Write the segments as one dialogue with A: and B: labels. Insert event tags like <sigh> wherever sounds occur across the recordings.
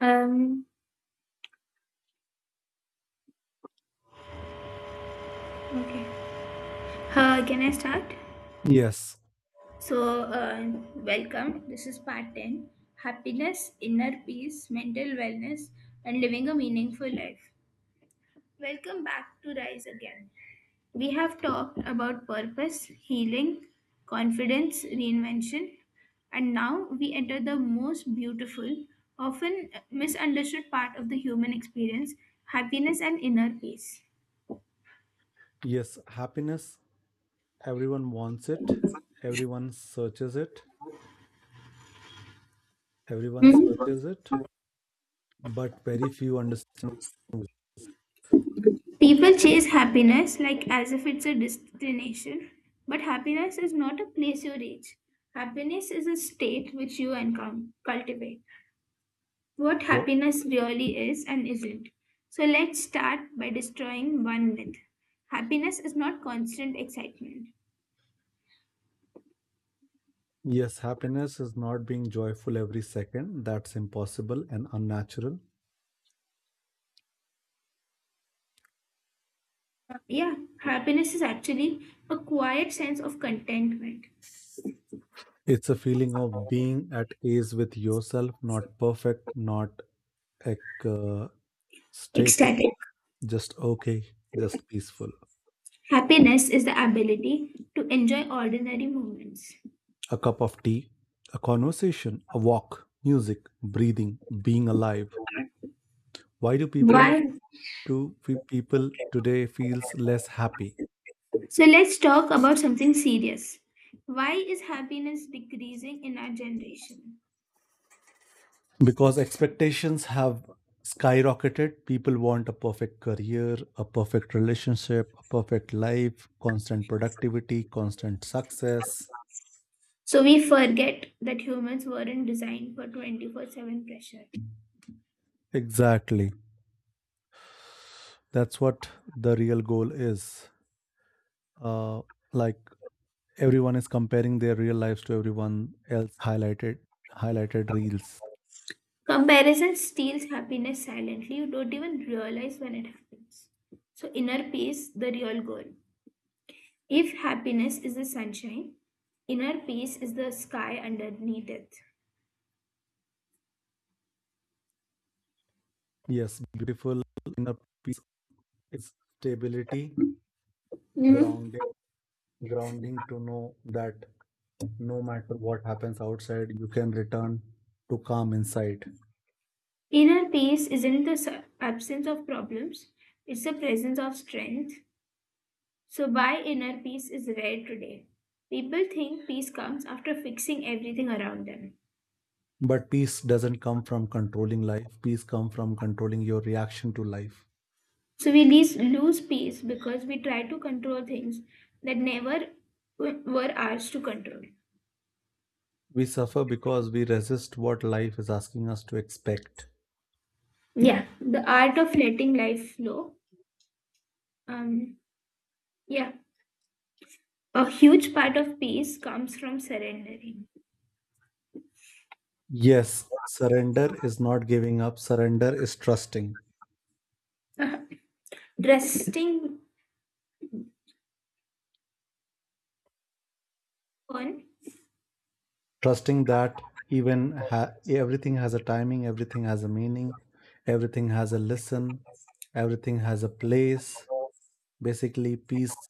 A: Um, okay. Can I start?
B: Yes,
A: So, uh, Welcome. This is part 10: happiness, inner peace, mental wellness, and living a meaningful life. Welcome back to Rise Again. We have talked about purpose, healing, confidence, reinvention, and now we enter the most beautiful, often misunderstood part of the human experience: happiness and inner peace.
B: yes, happiness. Everyone wants it, everyone searches it, everyone searches it, but very few understand.
A: People chase happiness like as if it's a destination, but happiness is not a place you reach. Happiness is a state which you cultivate. What
B: Well,
A: happiness really is and isn't. So let's start by destroying one myth. Happiness is not constant excitement.
B: yes, happiness is not being joyful every second. That's impossible and unnatural.
A: Yeah, happiness is actually a quiet sense of contentment.
B: It's a feeling of being at ease with yourself, not perfect, not ec- uh, static,
A: Ecstatic.
B: just okay, just peaceful.
A: Happiness is the ability to enjoy ordinary moments.
B: A cup of tea, a conversation, a walk, music, breathing, being alive. Why do
A: Why?
B: people today feels less happy
A: So let's talk about something serious. Why is happiness decreasing in our generation?
B: because expectations have skyrocketed. People want a perfect career, a perfect relationship, a perfect life, constant productivity, constant success.
A: So we forget that humans weren't designed for 24/7 pressure.
B: Exactly. That's what the real goal is. Uh, like everyone is comparing their real lives to everyone else highlighted reels.
A: Comparison steals happiness silently. You don't even realize when it happens. So inner peace, the real goal. If happiness is the sunshine, inner peace is the sky underneath it.
B: Yes, beautiful inner peace is stability,
A: Mhm.
B: grounding. Grounding to know that no matter what happens outside, you can return to calm inside.
A: Inner peace isn't the absence of problems, it's the presence of strength. So, why inner peace is rare today? People think peace comes after fixing everything around them.
B: But peace doesn't come from controlling life, peace comes from controlling your reaction to life.
A: So, we lose peace because we try to control things that never were ours to control.
B: We suffer because we resist what life is asking us to expect.
A: Yeah, the art of letting life flow. Um, yeah, a huge part of peace comes from surrendering.
B: Yes, surrender is not giving up, surrender is trusting.
A: <laughs> Resting on.
B: Trusting that everything has a timing, everything has a meaning, everything has a lesson, everything has a place. Basically, peace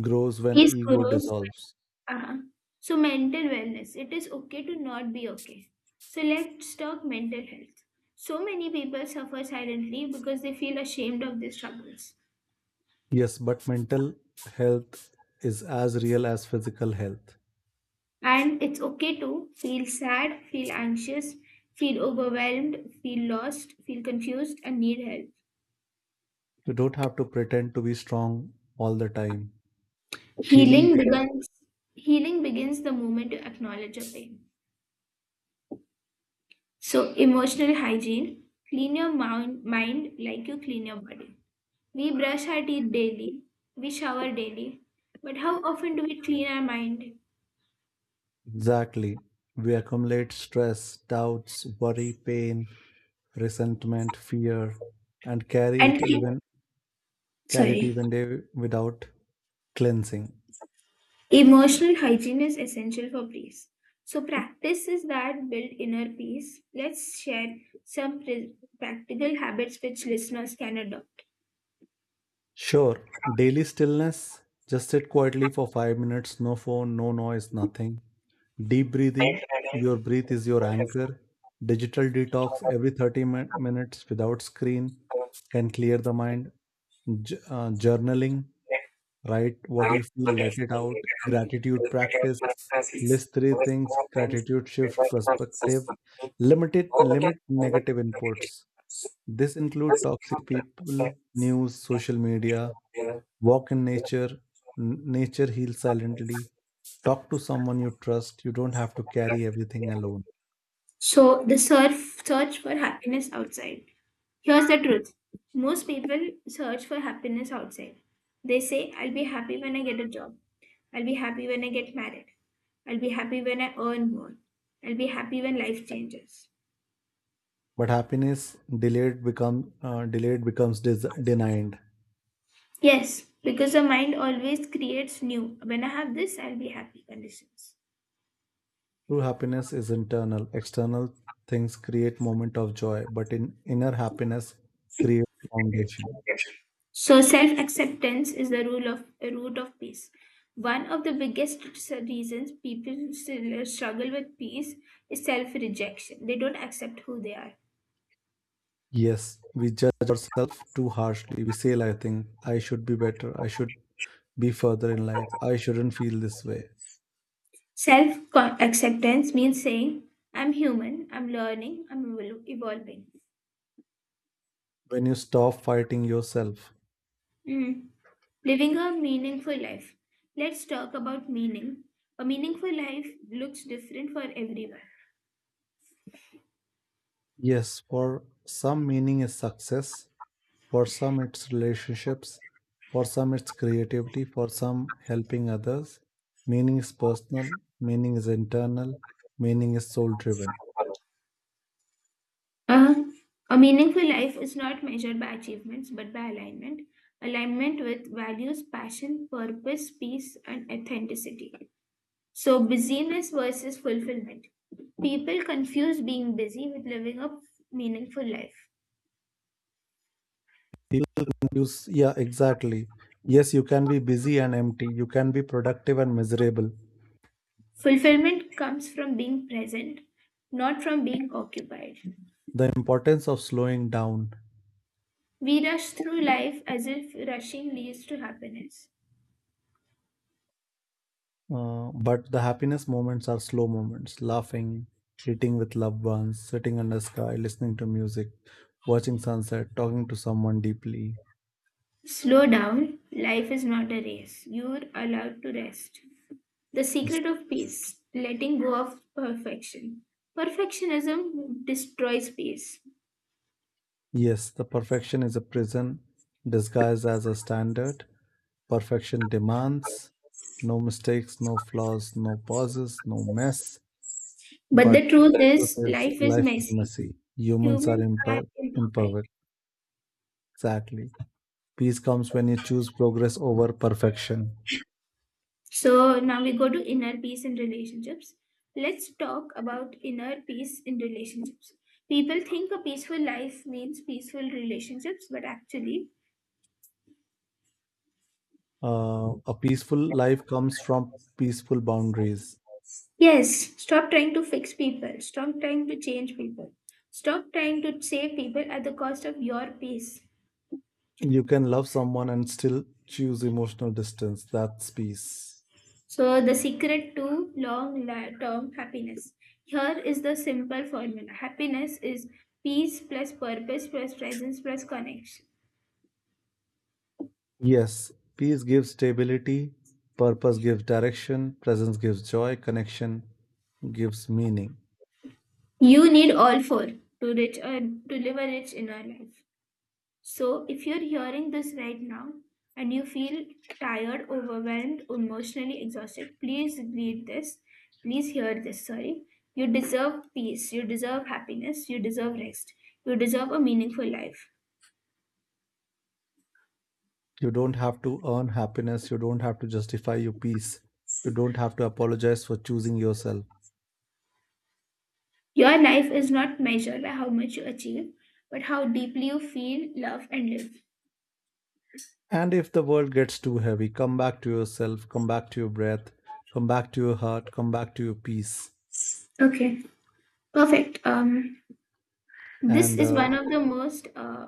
B: grows when
A: Peace
B: ego
A: grows
B: dissolves.
A: when, uh-huh. So mental wellness. It is okay to not be okay. So let's talk mental health. So many people suffer silently because they feel ashamed of their struggles.
B: Yes, but mental health is as real as physical health.
A: And it's okay to feel sad, feel anxious, feel overwhelmed, feel lost, feel confused, and need help.
B: You don't have to pretend to be strong all the time. Healing,
A: Healing
B: be-
A: begins Healing begins the moment you acknowledge your pain. So emotional hygiene, clean your mind like you clean your body. We brush our teeth daily. We shower daily. But how often do we clean our mind?
B: exactly. We accumulate stress, doubts, worry, pain, resentment, fear, and
A: And clean,
B: carry it
A: sorry,
B: even day without cleansing.
A: emotional hygiene is essential for peace. So practices that build inner peace. Let's share some practical habits which listeners can adopt.
B: Sure, daily stillness. Just sit quietly for 5 minutes, no phone, no noise, nothing. Deep breathing. Your breath is your anchor. Digital detox every 30 minutes without screen can clear the mind. Journaling, write what you feel, let it out. Gratitude practice, list three things. Gratitude shift perspective. Limit negative inputs. This include toxic people, news, social media, walk in nature nature heals silently, talk to someone you trust, you don't have to carry everything alone.
A: So the surf search for happiness outside. Here's the truth. Most people search for happiness outside. They say, I'll be happy when I get a job. I'll be happy when I get married. I'll be happy when I earn more. I'll be happy when life changes.
B: But happiness delayed become delayed becomes denied.
A: Yes, because the mind always creates new "when I have this, I'll be happy" conditions.
B: True happiness is internal, external things create moment of joy, but in inner happiness creates foundation.
A: So self acceptance is the rule of a root of peace. One of the biggest reasons people still struggle with peace is self rejection. They don't accept who they are.
B: Yes, we judge ourselves too harshly, we say I think I should be better, I should be further in life, I shouldn't feel this way
A: Self acceptance means saying, I'm human, I'm learning, I'm evolving.
B: when you stop fighting yourself.
A: Mm. Living a meaningful life. Let's talk about meaning. A meaningful life looks different for everyone.
B: Yes, for some meaning is success, for some it's relationships, for some it's creativity, for some helping others. Meaning is personal, meaning is internal, meaning is soul driven.
A: Uh, a meaningful life is not measured by achievements but by alignment. Alignment with values, passion, purpose, peace, and authenticity. So, busyness versus fulfillment. People confuse being busy with living a meaningful life.
B: Yeah, exactly. Yes, you can be busy and empty, you can be productive and miserable.
A: Fulfillment comes from being present, not from being occupied.
B: The importance of slowing down.
A: We rush through life as if rushing leads to happiness.
B: But the happiness moments are slow moments, laughing, eating with loved ones, sitting under sky, listening to music, watching sunset, talking to someone deeply.
A: Slow down, life is not a race. You're allowed to rest. The
B: Yes.
A: secret of peace, letting go of perfection. Perfectionism destroys peace.
B: Yes, the perfection is a prison disguised as a standard. Perfection demands no mistakes, no flaws, no pauses, no mess.
A: But
B: But
A: the truth
B: truth
A: is,
B: is,
A: life is
B: life is
A: messy.
B: messy. Humans are
A: Humans are imperfect.
B: imperfect. Exactly. Peace comes when you choose progress over perfection.
A: So now we go to inner peace in relationships. Let's talk about inner peace in relationships. People think a peaceful life means peaceful relationships, but actually,
B: A peaceful life comes from peaceful boundaries.
A: yes, stop trying to fix people, stop trying to change people, stop trying to save people at the cost of your peace.
B: You can love someone and still choose emotional distance. That's peace.
A: So, the secret to long term happiness. Here is the simple formula: happiness is peace plus purpose plus presence plus connection.
B: Yes, peace gives stability, purpose gives direction, presence gives joy, connection gives meaning.
A: You need all four to to live a rich inner life. So if you're hearing this right now and you feel tired, overwhelmed, emotionally exhausted, please read this. Please hear this. Sorry. You deserve peace. You deserve happiness. You deserve rest. You deserve a meaningful life.
B: You don't have to earn happiness, you don't have to justify your peace, you don't have to apologize for choosing yourself.
A: Your life is not measured by how much you achieve, but how deeply you feel, love, and live.
B: And if the world gets too heavy, come back to yourself, come back to your breath, come back to your heart, come back to your peace.
A: Okay. Perfect. This
B: And
A: is one of the most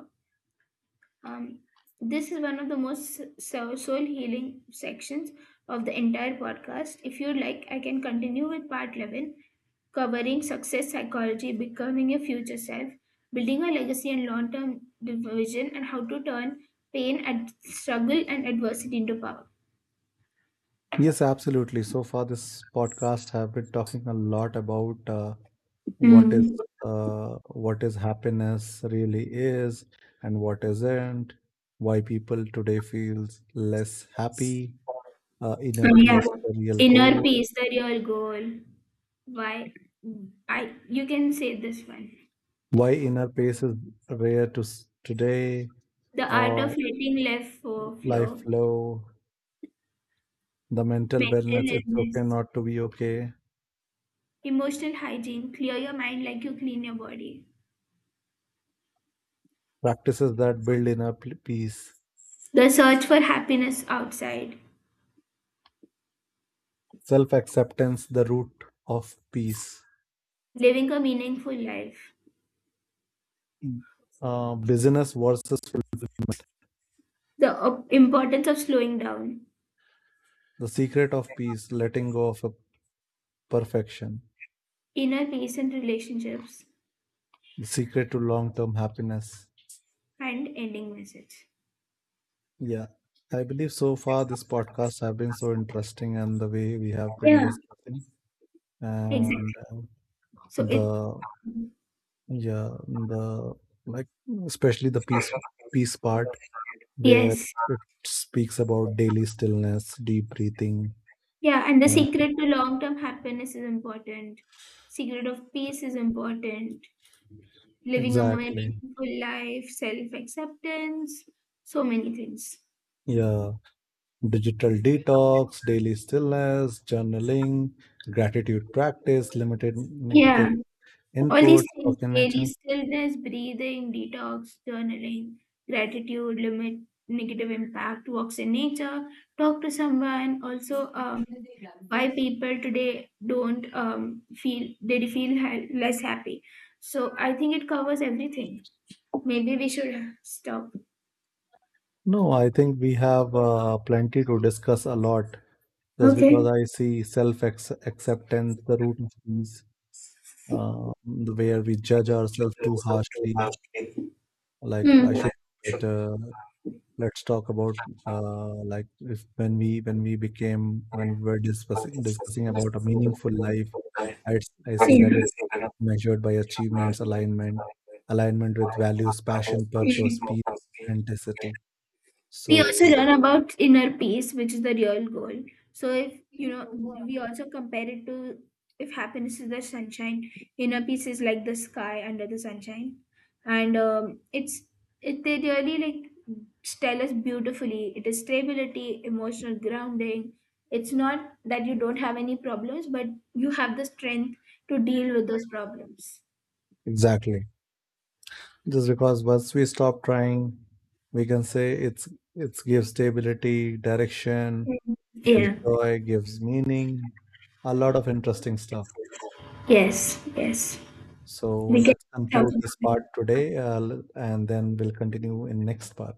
A: Um, this is one of the most soul healing sections of the entire podcast. If you like, I can continue with part 11, covering success psychology, becoming a future self, building a legacy and long term vision, and how to turn pain, and struggle, and adversity into power.
B: yes, absolutely. So far, this podcast have been talking a lot about what is
A: Mm.
B: what is happiness really is and what isn't. Why people today feels less happy. Inner
A: Oh, yeah.
B: peace, the real
A: Inner
B: goal.
A: peace, the real goal. Why? I You can say this one.
B: Why inner peace is rare today,
A: The art of
B: or
A: letting life
B: life
A: flow.
B: flow. The mental
A: Mental
B: wellness. It's okay
A: illness.
B: not to be okay.
A: Emotional hygiene, clear your mind like you clean your body.
B: Practices that build inner peace.
A: The search for happiness outside,
B: Self acceptance, the root of peace.
A: living a meaningful life.
B: Busyness versus fulfillment.
A: The importance of slowing down,
B: The secret of peace, letting go of a perfection.
A: inner peace and relationships,
B: The secret to long term happiness.
A: and ending message.
B: Yeah, I believe so far this podcast have been so interesting and the way we have been
A: Yeah,
B: discussing.
A: exactly.
B: and uh,
A: So it,
B: the yeah, the like, especially the peace part where
A: yes.
B: it speaks about daily stillness, deep breathing
A: Yeah, and the
B: and
A: secret to long term happiness is important. Secret of peace is important. Living a
B: exactly.
A: meaningful life, self acceptance, so many things.
B: Yeah, digital detox, daily stillness, journaling, gratitude practice, limited negative
A: Yeah. All these
B: inputs,
A: things:
B: work in
A: daily
B: nature.
A: stillness, breathing, detox, journaling, gratitude, limit negative impact, walks in nature, talk to someone. Also, why people today don't feel they feel less happy. So I think it covers everything. Maybe we should stop.
B: No, I think we have plenty to discuss a lot, just because
A: Okay.
B: I see self acceptance, the root of these, where we judge ourselves too harshly, like I
A: Hmm. Yeah.
B: should do better. Let's talk about like if when we when we became when we were discussing about a meaningful life. I, I see that it was not measured by achievements, alignment with values, passion,
A: Hmm.
B: purpose, peace, authenticity.
A: We also
B: So
A: learn about inner peace, which is the real goal. So if you know, we also compare it to, if happiness is the sunshine, inner peace is like the sky under the sunshine, and it's it they really like tell us beautifully. It is stability, emotional grounding. It's not that you don't have any problems, but you have the strength to deal with those problems.
B: exactly, just because once we stop trying, we can say it's gives stability, direction,
A: Mhm.
B: gives
A: Yeah.
B: joy, gives meaning, a lot of interesting stuff.
A: Yes. Yes.
B: So
A: We can
B: let's
A: talk about
B: conclude this part
A: it.
B: today, and then we'll continue in next part.